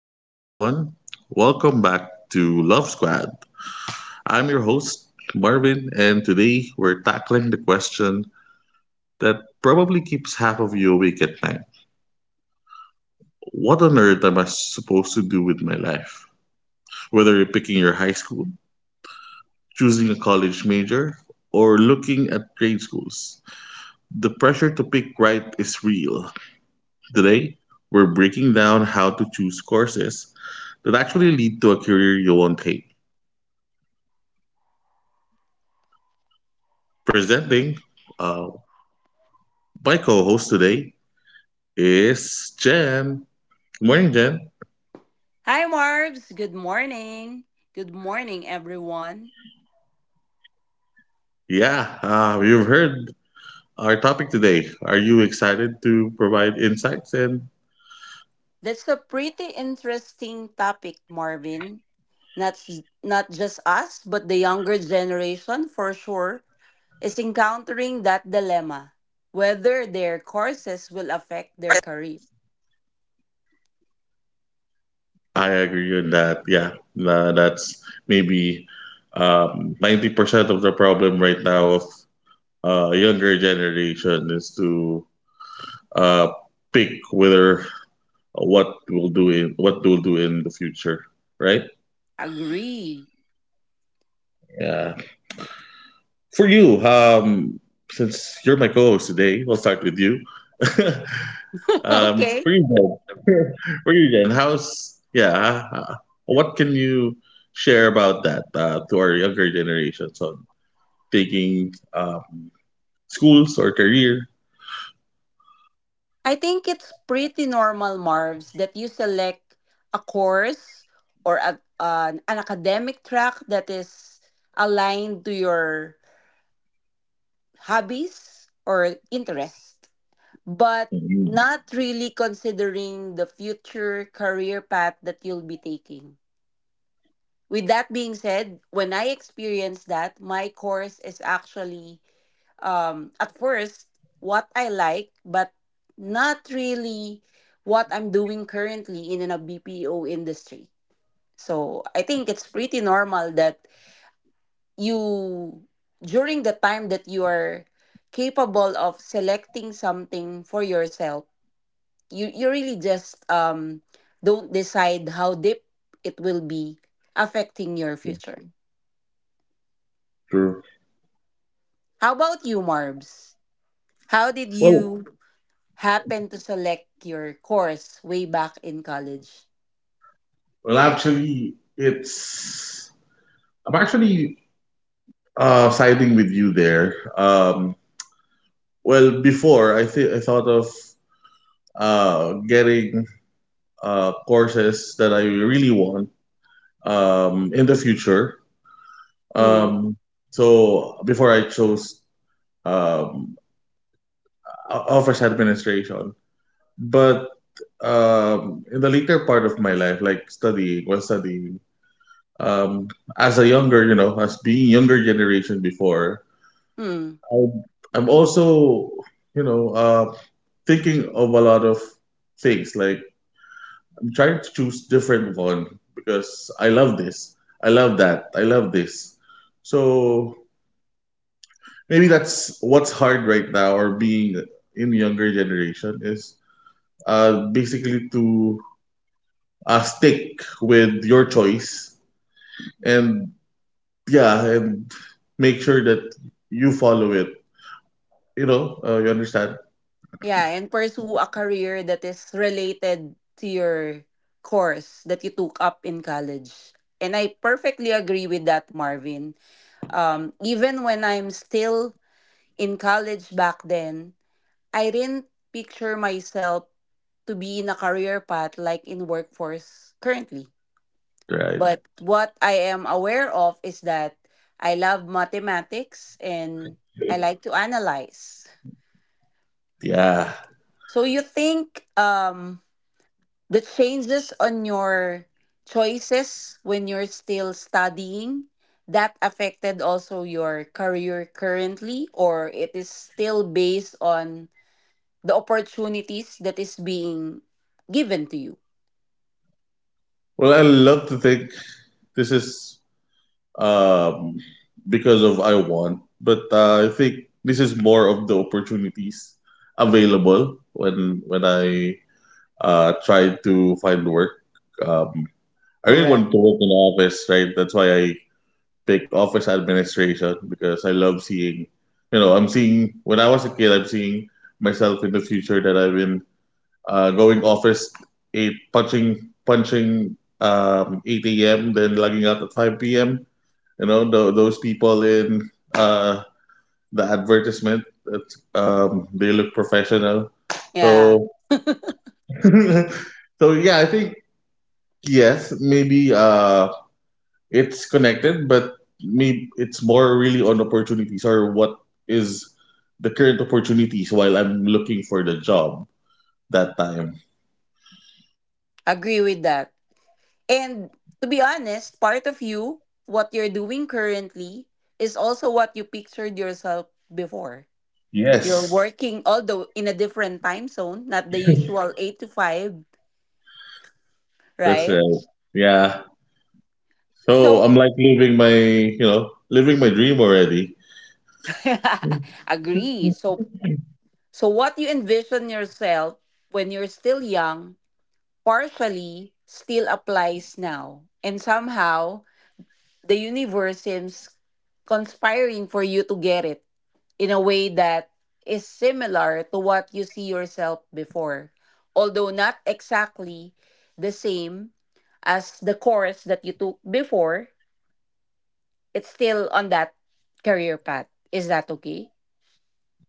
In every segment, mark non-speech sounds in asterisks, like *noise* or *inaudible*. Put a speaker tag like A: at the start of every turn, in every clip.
A: Hey everyone, welcome back to Love Squad. I'm your host, Marvin, and today we're tackling the question that probably keeps half of you awake at night. What on earth am I supposed to do with my life? Whether you're picking your high school, choosing a college major, or looking at trade schools, the pressure to pick right is real. Today, we're breaking down how to choose courses that actually lead to a career you'll want to take. Presenting uh, my co-host today is Jen. Good morning, Jen.
B: Hi, Marbs. Good morning. Good morning, everyone.
A: Yeah, you've heard our topic today. Are you excited to provide insights and
B: That's a pretty interesting topic, Marvin. Not, not just us, but the younger generation for sure is encountering that dilemma whether their courses will affect their career.
A: I agree with that. Yeah, that's maybe 90% of the problem right now of younger generation is to uh, pick whether what we'll do in the future, right?
B: Agree.
A: Yeah. For you, since you're my co-host today, we'll start with you. *laughs*
B: *laughs*
A: For you,
B: Okay.
A: then. *laughs* For you, then. How's yeah? What can you share about that to our younger generations on taking schools or career?
B: I think it's pretty normal, Marvs, that you select a course or a, an academic track that is aligned to your hobbies or interest, but
A: Mhm.
B: not really considering the future career path that you'll be taking. With that being said, when I experienced that, my course is actually at first what I like, but not really what I'm doing currently in a BPO industry. So I think it's pretty normal that you during the time that you are capable of selecting something for yourself you really just don't decide how deep it will be affecting your future.
A: True.
B: How about you, Marbs? How did
A: Well,
B: you happen to select your course way back in college?
A: Well, actually, it's I'm actually siding with you there. Well, before I thought of getting courses that I really want in the future.
B: hmm
A: Um, so before I chose um, office administration, but in the later part of my life, like studying, was studying um, as a younger, you know, as being younger generation before.
B: hmm.
A: I'm, I'm also, you know, thinking of a lot of things. Like I'm trying to choose different one because I love this, I love that, I love this. So maybe that's what's hard right now, or being in younger generation is basically to stick with your choice and yeah, and make sure that you follow it. You know, you understand,
B: Yeah, and pursue a career that is related to your course that you took up in college. And I perfectly agree with that, Marvin. Even when I'm still in college back then, I didn't picture myself to be in a career path like in workforce currently.
A: right?
B: But what I am aware of is that I love mathematics and I
A: *laughs*
B: like to analyze.
A: Yeah.
B: So you think the changes on your choices when you're still studying that affected also your career currently, or it is still based on the opportunities that is being given to you?
A: Well, I love to think this is um, because of I want, but I think this is more of the opportunities available when I tried to find work. Um, I really
B: Correct.
A: want to work in the office, right? That's why I pick office administration because I love seeing, you know, I'm seeing when I was a kid, I'm seeing myself in the future that I've been going office eight punching 8 a.m. then logging out at 5 p.m. You know, those people in the advertisement, that's, they look professional.
B: Yeah,
A: So, *laughs* so yeah, I think yes, maybe it's connected, but maybe it's more really on opportunities or what is the current opportunities while I'm looking for the job that time.
B: agree with that. And to be honest, part of you what you're doing currently is also what you pictured yourself before. You're
A: Yes,
B: working, although in a different time zone, not the
A: *laughs*
B: usual 8 to 5,
A: that's right.
B: right?
A: Yeah. So
B: So
A: I'm like living my, you know, living my dream already.
B: *laughs* agree. So what you envision yourself when you're still young partially still applies now. And somehow the universe seems conspiring for you to get it in a way that is similar to what you see yourself before, although not exactly the same as the course that you took before, it's still on that career path. Is that okay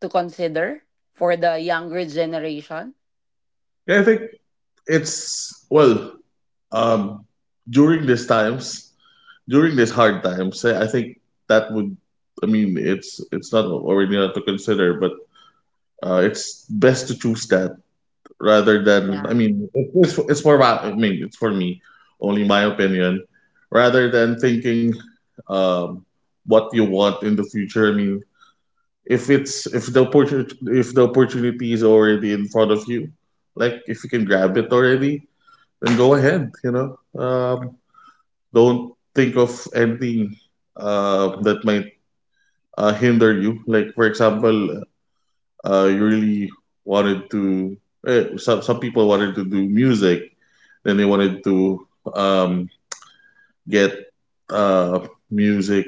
B: to consider for the younger generation?
A: Yeah, I think it's well. Um, during these times, during these hard times, I think that would, I mean, it's not already not to consider, but it's best to choose that rather than, I
B: Yeah.
A: mean, it's for my, I mean, it's for me, only my opinion, rather than thinking um, what you want in the future. I mean, if the opportunity is already in front of you, like if you can grab it already, then go ahead. You know. Don't think of anything that might hinder you. Like for example, you really wanted to. Some people wanted to do music, then they wanted to um, get music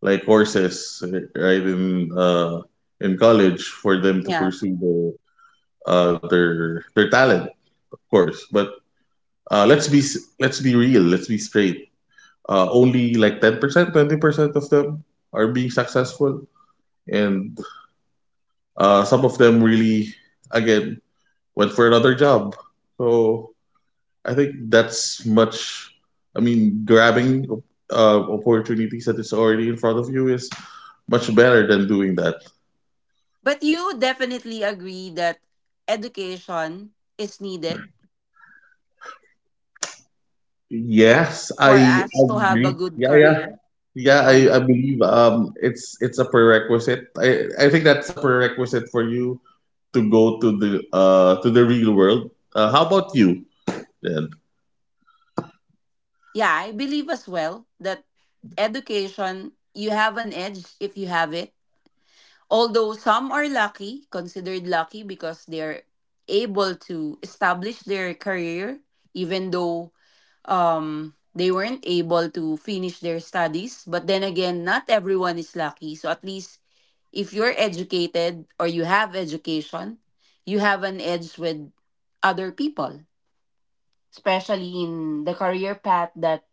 A: like courses right in college for them to
B: Yeah.
A: pursue their talent, of course. But let's be real. Let's be straight. Only like 10%, 20% of them are being successful. And some of them really, again, went for another job. So I think that's much, I mean, grabbing opportunities that is already in front of you is much better than doing that.
B: But you definitely agree that education is needed
A: Yes,
B: for
A: I
B: us to have a
A: agree.
B: good
A: Yeah, yeah.
B: career.
A: Yeah, I
B: Okay.
A: believe it's a prerequisite. I think that's a prerequisite for you to go to the real world. How about you? Then
B: Yeah, I believe as well that education, you have an edge if you have it. Although some are lucky, considered lucky because they're able to establish their career, even though they weren't able to finish their studies, but then again not everyone is lucky, so at least if you're educated or you have education you have an edge with other people, especially in the career path that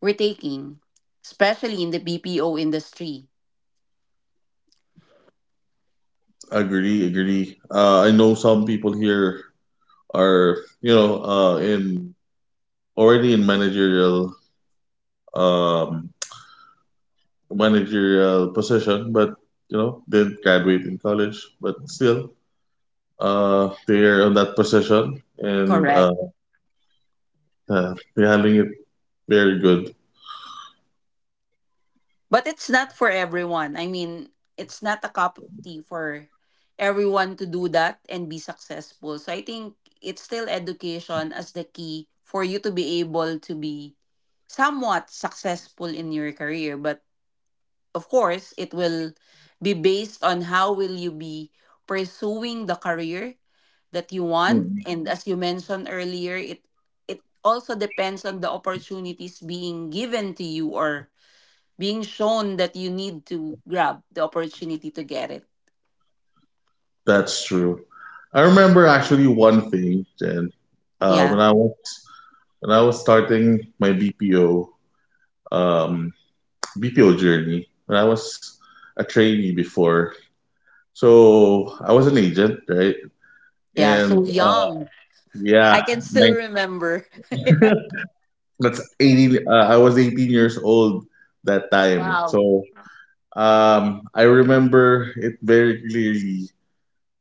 B: we're taking, especially in the BPO industry.
A: agree. I know some people here are you know in already in managerial um managerial position, but you know didn't graduate in college, but still they are on that position and
B: Correct.
A: they're handling it very good.
B: But it's not for everyone. I mean, it's not a cup of tea for everyone to do that and be successful. So I think it's still education as the key for you to be able to be somewhat successful in your career. But of course, it will be based on how will you be pursuing the career that you want. And as you mentioned earlier, it also depends on the opportunities being given to you or being shown that you need to grab the opportunity to get it.
A: That's true. I remember actually one thing, Jen. Uh, when
B: Yeah.
A: I was when I was starting my BPO um, BPO journey, when I was a trainee before, so I was an agent, right?
B: Yeah.
A: And
B: So young. I
A: yeah,
B: can
A: my,
B: still remember. *laughs*
A: that's 18. I was 18 years old that time,
B: Wow.
A: so I remember it very clearly.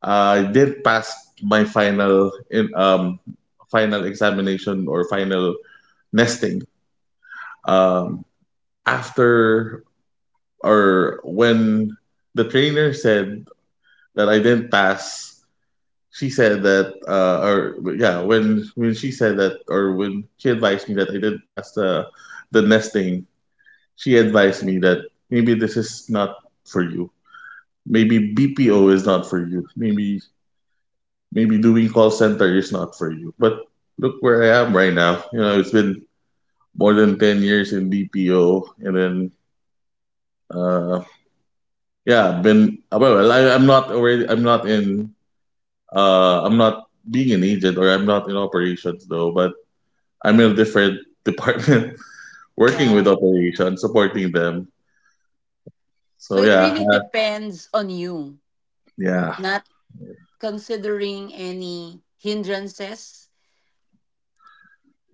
A: I did pass my final in final examination or final nesting. Um, After or when the trainer said that I didn't pass, she said that, or yeah, when she said that, or when she advised me that I didn't pass the nesting, she advised me that maybe this is not for you. Maybe BPO is not for you. Maybe doing call center is not for you. But look where I am right now. You know, it's been more than 10 years in BPO, and then uh, Yeah, been well. Well, I, I'm not already. I'm not in. I'm not being an agent or I'm not in operations though. But I'm in a different *laughs* department, working with
B: Yeah.
A: operations, supporting them.
B: So
A: So
B: it
A: yeah,
B: really depends on you,
A: yeah,
B: not considering any hindrances.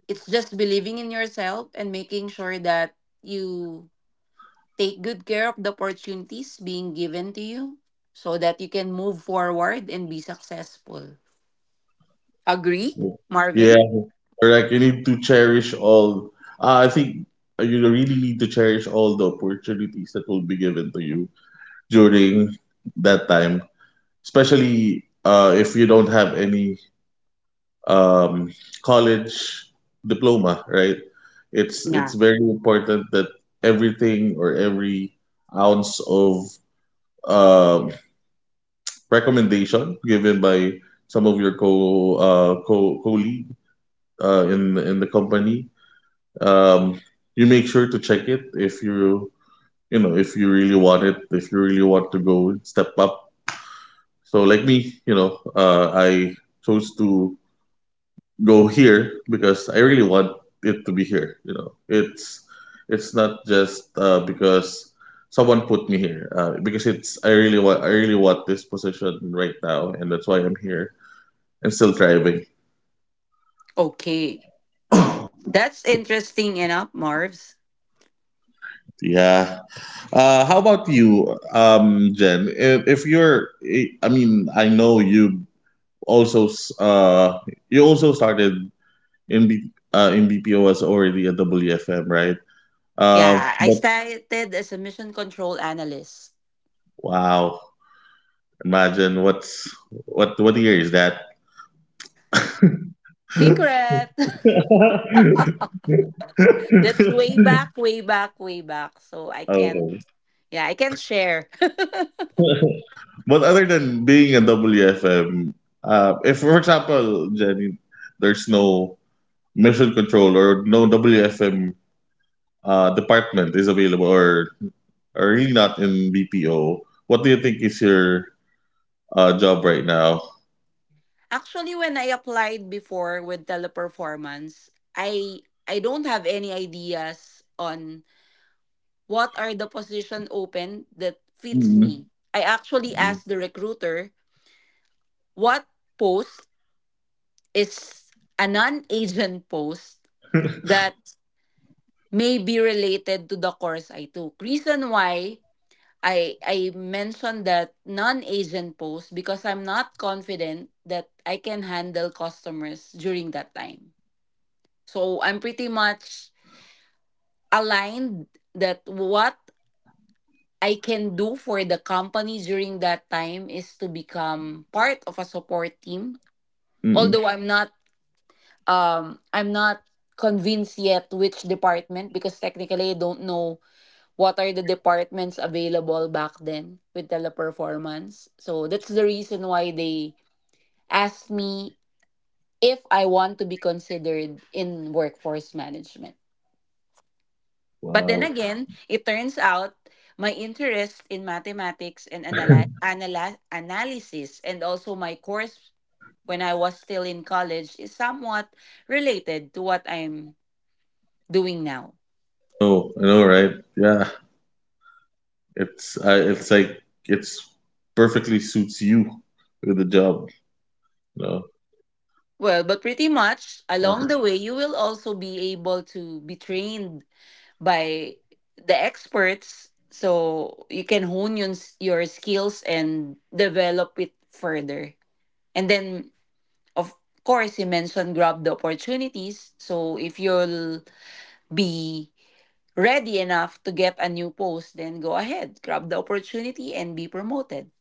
B: It's just believing in yourself and making sure that you take good care of the opportunities being given to you so that you can move forward and be successful. Agree,
A: yeah.
B: Marvin?
A: Correct. You need to cherish all. I think you really need to cherish all the opportunities that will be given to you during that time, especially if you don't have any um, college diploma, right? It's
B: Yeah.
A: very important that everything or every ounce of uh, recommendation given by some of your co colleague in the company, um, you make sure to check it if you you know if you really want it, if you really want to go and step up. So like me, you know, I chose to go here because I really want it to be here. You know, it's not just because someone put me here. Because it's I really want this position right now, and that's why I'm here and still thriving.
B: Okay.
A: *coughs*
B: That's interesting enough, Marvs.
A: Yeah. How about you, Jen? If you're, I mean, I know you also you also started in BPO as already a WFM, right?
B: Yeah, I
A: But
B: started as a mission control analyst.
A: wow, imagine what year is that?
B: Secret. *laughs* That's way back, way back, way back. So I can,
A: Okay.
B: yeah, I can share.
A: But other than being a WFM, if for example, Jenny, there's no mission control or no WFM department is available or really not in BPO, what do you think is your job right now?
B: *laughs* Actually, when I applied before with Teleperformance, I I don't have any ideas on what are the position open that fits
A: Mm-mm.
B: me. I actually
A: Mm-mm.
B: asked the recruiter what post is a non-agent post that may be related to the course I took. Reason why I mentioned that non-agent post because I'm not confident that I can handle customers during that time. So I'm pretty much aligned that what I can do for the company during that time is to become part of a support team. Although
A: *laughs*
B: I'm not convinced yet which department, because technically I don't know what are the departments available back then with Teleperformance. So that's the reason why they asked me if I want to be considered in workforce management. But then
A: Wow.
B: again, it turns out my interest in mathematics and analysis and also my course when I was still in college is somewhat related to what I'm doing now.
A: Oh, I know, right? Yeah, it's like it's perfectly suits you with the job. No.
B: Well, but pretty much along the way, you will also be able to be trained by the experts, so you can hone your skills and develop it further, and then of course you mentioned grab the opportunities, so if you'll be ready enough to get a new post, then go ahead, grab the opportunity and be promoted.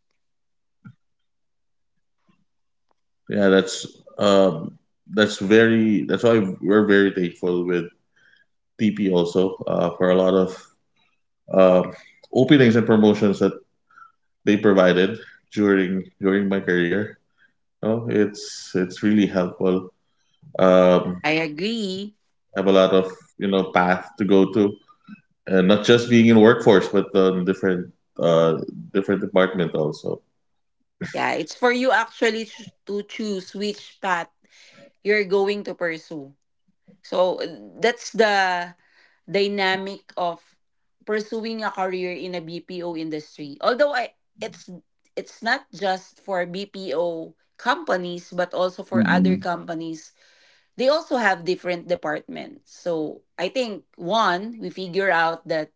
A: Yeah, um, that's very that's why we're very thankful with TP also for a lot of um openings and promotions that they provided during my career. No, it's really helpful. Um,
B: I agree.
A: I have a lot of you know path to go to, and not just being in workforce, but uh, different department also.
B: Yeah, it's for you actually to choose which path you're going to pursue. So that's the dynamic of pursuing a career in a BPO industry. Although I it's not just for BPO companies but also for other Mm-hmm.
A: Mhm.
B: companies. They also have different departments. So I think one, we figure out that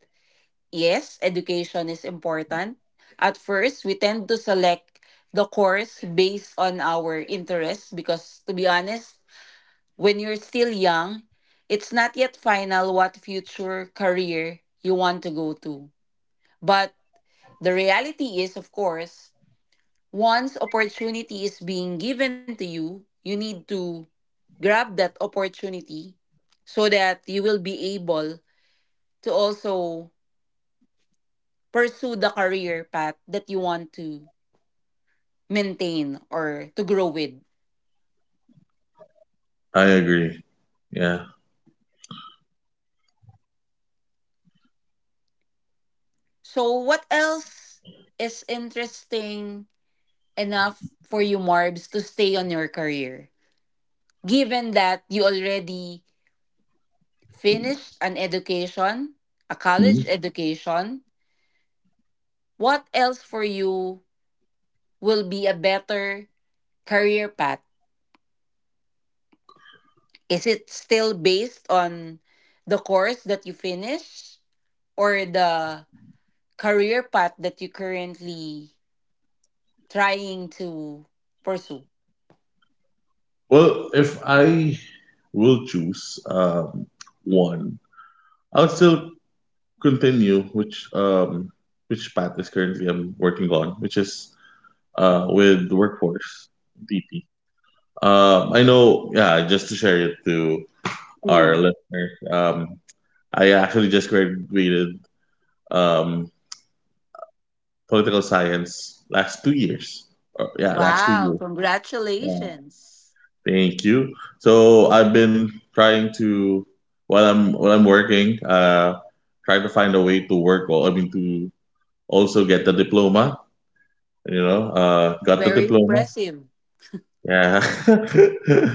B: yes, education is important. At first, we tend to select the course based on our interests because to be honest, when you're still young, it's not yet final what future career you want to go to. But the reality is, of course, once opportunity is being given to you, you need to grab that opportunity so that you will be able to also pursue the career path that you want to maintain or to grow with.
A: I agree. Yeah.
B: So, what else is interesting enough for you, Marbs, to stay on your career, given that you already finished an education, a college education? What else for you will be a better career path? Is it still based on the course that you finish or the career path that you currently trying to pursue?
A: Well, if I will choose one, I would still continue which path is currently I'm working on, which is with the workforce DP. I know, yeah. Just to share it to our
B: Mm.
A: listeners, I actually just graduated um, political science last 2 years. Or, yeah, last two
B: Wow,
A: years. Yeah.
B: congratulations.
A: Thank you. So I've been trying to while I'm working, try to find a way to work. Or I mean to also get the diploma. You know, got the
B: Very
A: diploma.
B: impressive.
A: Yeah. *laughs*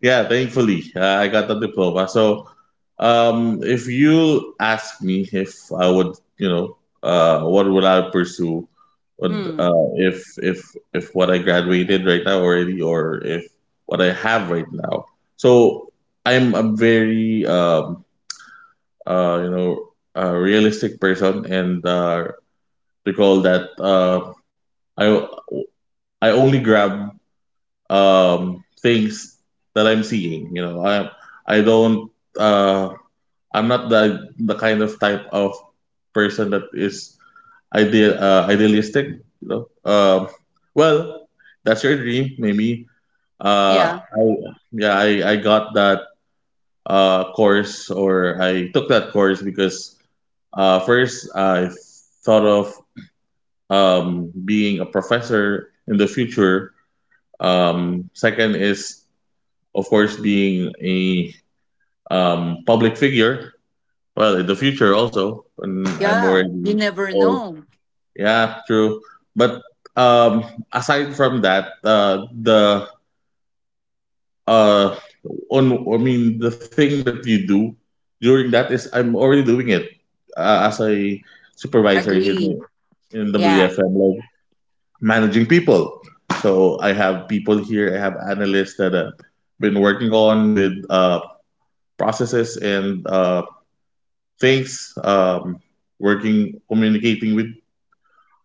A: Yeah, thankfully, I got the diploma. So, if you ask me if I would, you know, what would I pursue,
B: Hmm.
A: if if what I graduated right now already, or if what I have right now. So, I'm a very you know, a realistic person, and recall that I I only grab things that I'm seeing. You know, I don't uh, I'm not the kind of type of person that is idealistic. You know, well, that's your dream, maybe. Uh,
B: Yeah.
A: I, yeah, I got that course or I took that course because first I thought of being a professor in the future. Second is of course being a public figure. Well, in the future also, when I'm
B: Yeah. You
A: already
B: never
A: old.
B: know.
A: Yeah, true. But um, aside from that, the uh, on I mean the thing that you do during that is I'm already doing it as a supervisor
B: Agree.
A: in
B: Yeah.
A: WFM, like managing people. So I have people here. I have analysts that have been working on with processes and Thanks, working, communicating with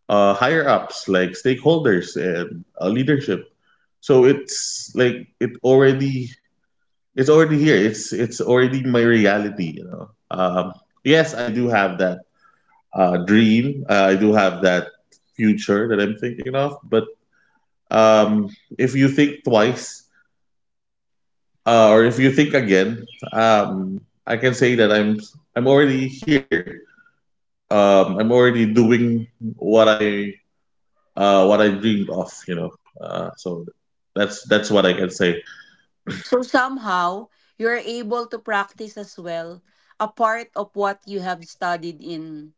A: higher ups like stakeholders and leadership. So it's like it's already here. It's already my reality. Yes, I do have that dream. I do have that future that I'm thinking of. But um, if you think twice, or if you think again, I can say that I'm already here. I'm already doing what I dreamed of. So that's what I can say.
B: So somehow you're able to practice as well a part of what you have studied in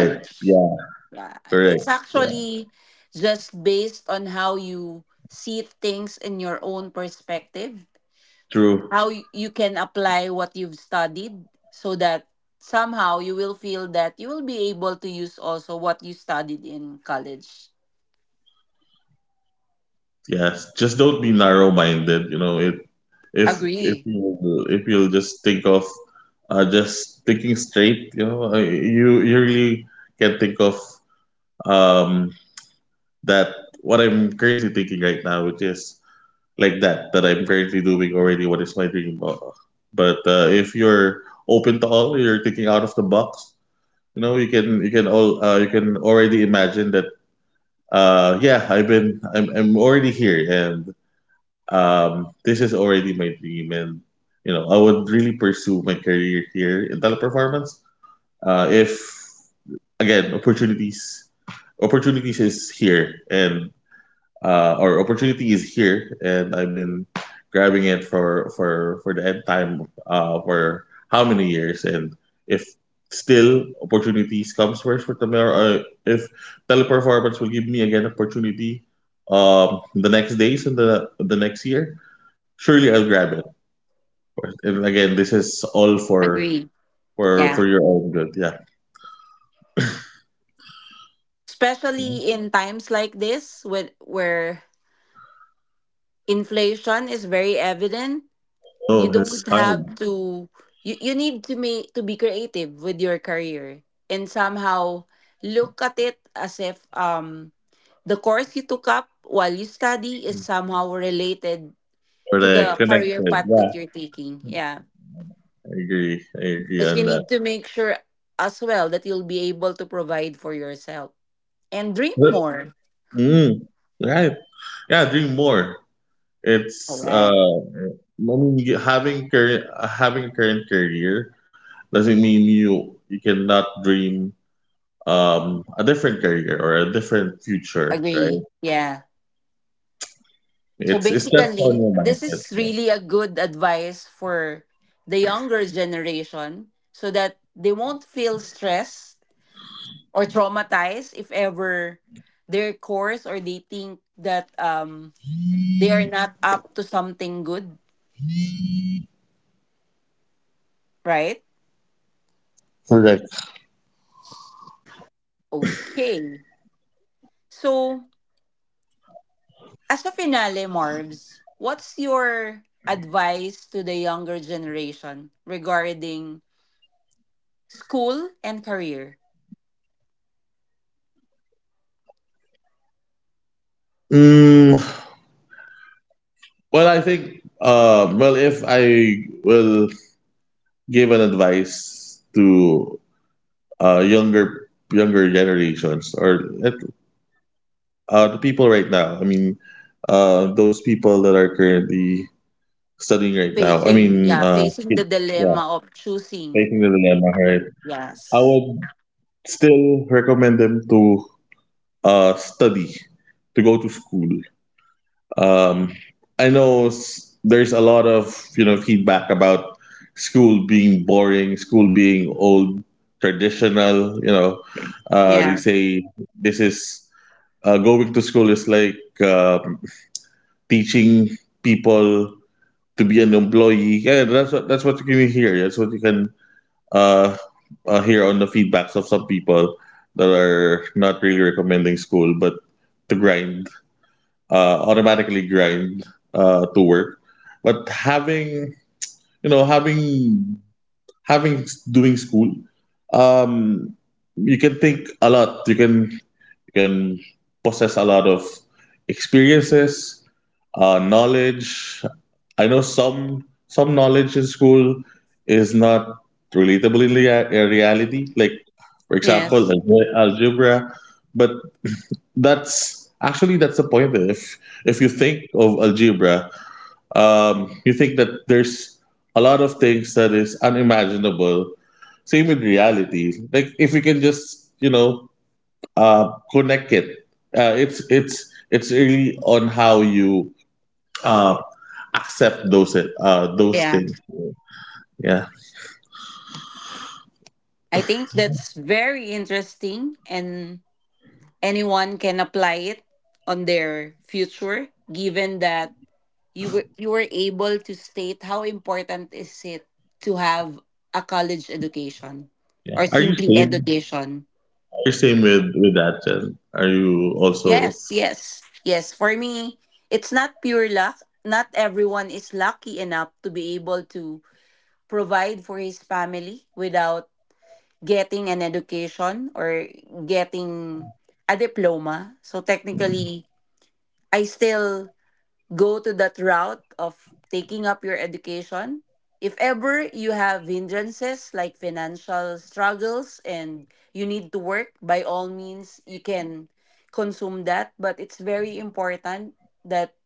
A: Right. Yeah,
B: Yeah.
A: correct.
B: It's
A: Yeah,
B: actually just based on how you see things in your own perspective,
A: true.
B: how you can apply what you've studied so that somehow you will feel that you will be able to use also what you studied in college.
A: Yes, just don't be narrow-minded. You know, if if if
B: Agree.
A: you if you just thinking straight. You really can think of um that what I'm currently thinking right now, which is like that I'm currently doing already. What is my dream? But if you're open to all, you're thinking out of the box, you can already imagine that. Yeah, I'm already here, and this is already my dream, and I would really pursue my career here in Teleperformance if again, opportunities is here, and our opportunity is here, and I've been grabbing it for the end time, for how many years. And if still opportunities comes first for Tamar, if Teleperformance will give me again opportunity the next days and the next year, surely I'll grab it. And again, this is all for
B: Agree.
A: for for
B: Yeah.
A: your own good. Yeah.
B: Especially in times like this when where inflation is very evident. You
A: Oh,
B: don't
A: it's hard.
B: have to you need to make to be creative with your career, and somehow look at it as if the course you took up while you study is somehow related to
A: Correct.
B: the career
A: Connected.
B: path
A: Yeah.
B: that you're taking. Yeah.
A: I agree. I agree
B: Because you
A: on that.
B: need to make sure as well that you'll be able to provide for yourself and dream
A: But-
B: more.
A: Mm, right. Yeah, dream more. It's
B: Correct.
A: I mean, having a current career doesn't mean you cannot dream a different career or a different future, right?
B: Agree. Yeah. So
A: It's just on
B: basically,
A: your
B: this is
A: mindset.
B: really a good advice for the younger generation so that they won't feel stressed or traumatized if ever their course or they think that they are not up to something good, right? Okay. So, as a finale, Marvs, what's your advice to the younger generation regarding school and career?
A: Mm, well, I think, well, if I will give an advice to younger generations or the people right now, I mean, those people that are currently studying right now, I
B: Facing,
A: mean,
B: yeah, facing
A: kids,
B: the
A: yeah,
B: dilemma of choosing
A: facing the dilemma,
B: a
A: right?
B: career.
A: I
B: Yes.
A: would still recommend them to study, to go to school. Um, I know there's a lot of feedback about school being boring, school being old, traditional. You know, uh,
B: Yeah,
A: they say this is going to school is like teaching people to be an employee. Yeah, that's what you can hear. That's what you can uh, hear on the feedbacks of some people that are not really recommending school, but to grind automatically grind to work. But having you know having having doing school, um, you can think a lot. You can possess a lot of experiences, knowledge. I know some knowledge in school is not relatable in reality. Like for example,
B: yes.
A: algebra. But that's the point. If you think of algebra, you think that there's a lot of things that is unimaginable, same with reality, like if you can just connect it, it's really on how you uh, accept those
B: Yeah,
A: things. Yeah,
B: I think that's very interesting, and anyone can apply it on their future, given that you were able to state how important is it to have a college education
A: yeah,
B: or
A: are you
B: simply
A: same
B: education.
A: are you same with that, Jen? Are you also?
B: Yes, yes. Yes, for me, it's not pure luck. Not everyone is lucky enough to be able to provide for his family without getting an education or getting a diploma. So technically, I still go to that route of taking up your education. If ever you have hindrances like financial struggles and you need to work, by all means, you can consume that. But it's very important that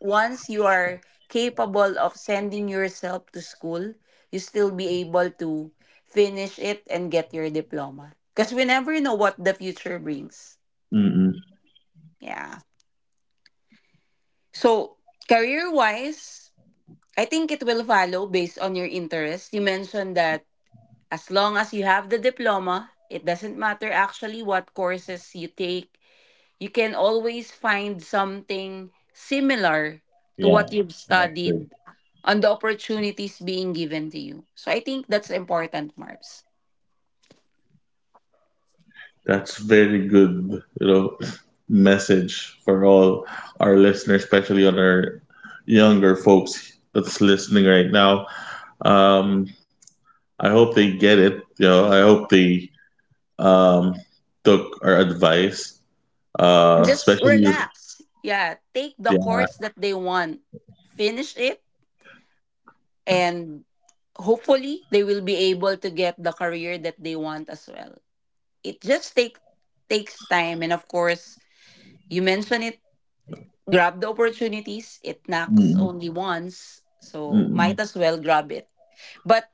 B: once you are capable of sending yourself to school, you still be able to finish it and get your diploma. Because we never know what the future brings.
A: Mm-mm,
B: Yeah. So, career wise, I think it will follow based on your interest. You mentioned that as long as you have the diploma, it doesn't matter actually what courses you take, you can always find something similar to what
A: yeah.
B: you've
A: Connected.
B: studied on the opportunities being given to you. So I think that's important, Marbs.
A: That's very good, message for all our listeners, especially on our younger folks that's listening right now. Um, I hope they get it. I hope they um, took our advice,
B: And just
A: especially.
B: relax. Yeah, take the
A: Yeah,
B: course that they want, finish it, and hopefully they will be able to get the career that they want as well. It just takes time, and of course you mentioned it, grab the opportunities. It knocks
A: mm,
B: only once. So
A: mm,
B: might as well grab it. But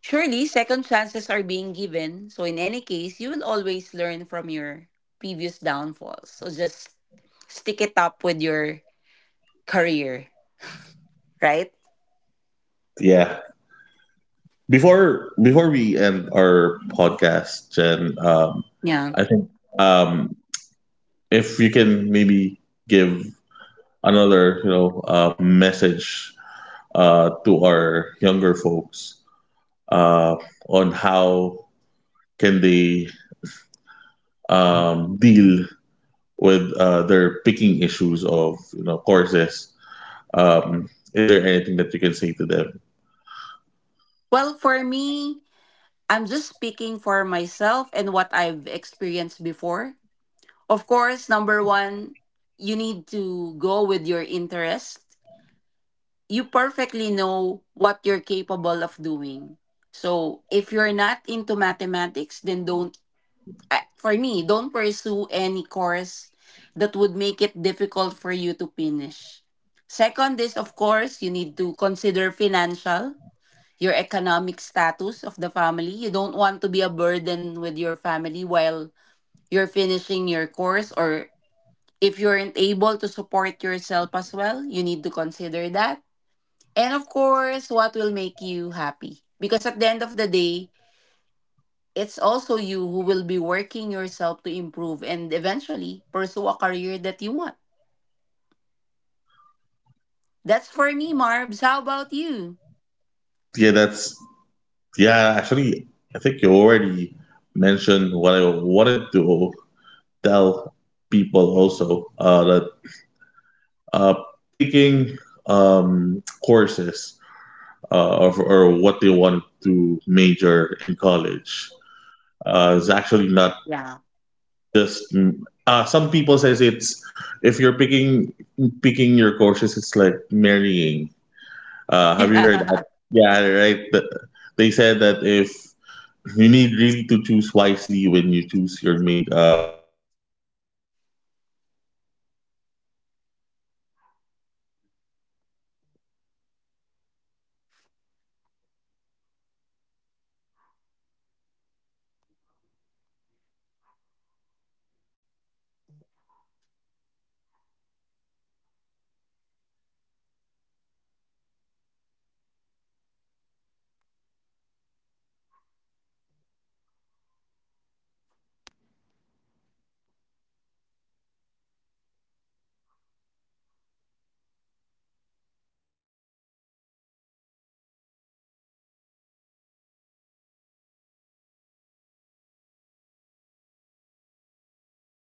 B: surely, second chances are being given. So, in any case, you will always learn from your previous downfalls. So, just stick it up with your career, right?
A: yeah. Before we end our podcast, Jen,
B: Yeah.
A: I think, um, if you can maybe give another message to our younger folks, uh, on how can they deal with their picking issues of courses. Is there anything that you can say to them?
B: Well, for me, I'm just speaking for myself and what I've experienced before. Of course, number one, you need to go with your interest. You perfectly know what you're capable of doing. So, if you're not into mathematics, then don't for me, don't pursue any course that would make it difficult for you to finish. Second is, of course, you need to consider financial, your economic status of the family. You don't want to be a burden with your family while you're finishing your course, or if you aren't able to support yourself as well, you need to consider that. And of course, what will make you happy. Because at the end of the day, it's also you who will be working yourself to improve and eventually pursue a career that you want. That's for me, Marbs. How about you?
A: Yeah, that's yeah. Actually, I think you already mentioned what I wanted to tell people also that uh, picking courses or what they want to major in college is actually not
B: Yeah.
A: just some people says it's if you're picking your courses. It's like marrying, have you heard that?
B: *laughs*
A: Yeah, right. They said that if you need really to choose wisely when you choose your main your courses. I think that's correct. As you mentioned earlier, if you don't like math, it don't find any courses, or don't took or don't take any courses that has math. If you really just my my rec or my advice to our younger generation is just to make sure that you're uh, studying digitally uh, uh, studying um, everything that you need to know. Don't pressure yourself too much, because the pressure actually lies in the after school, not after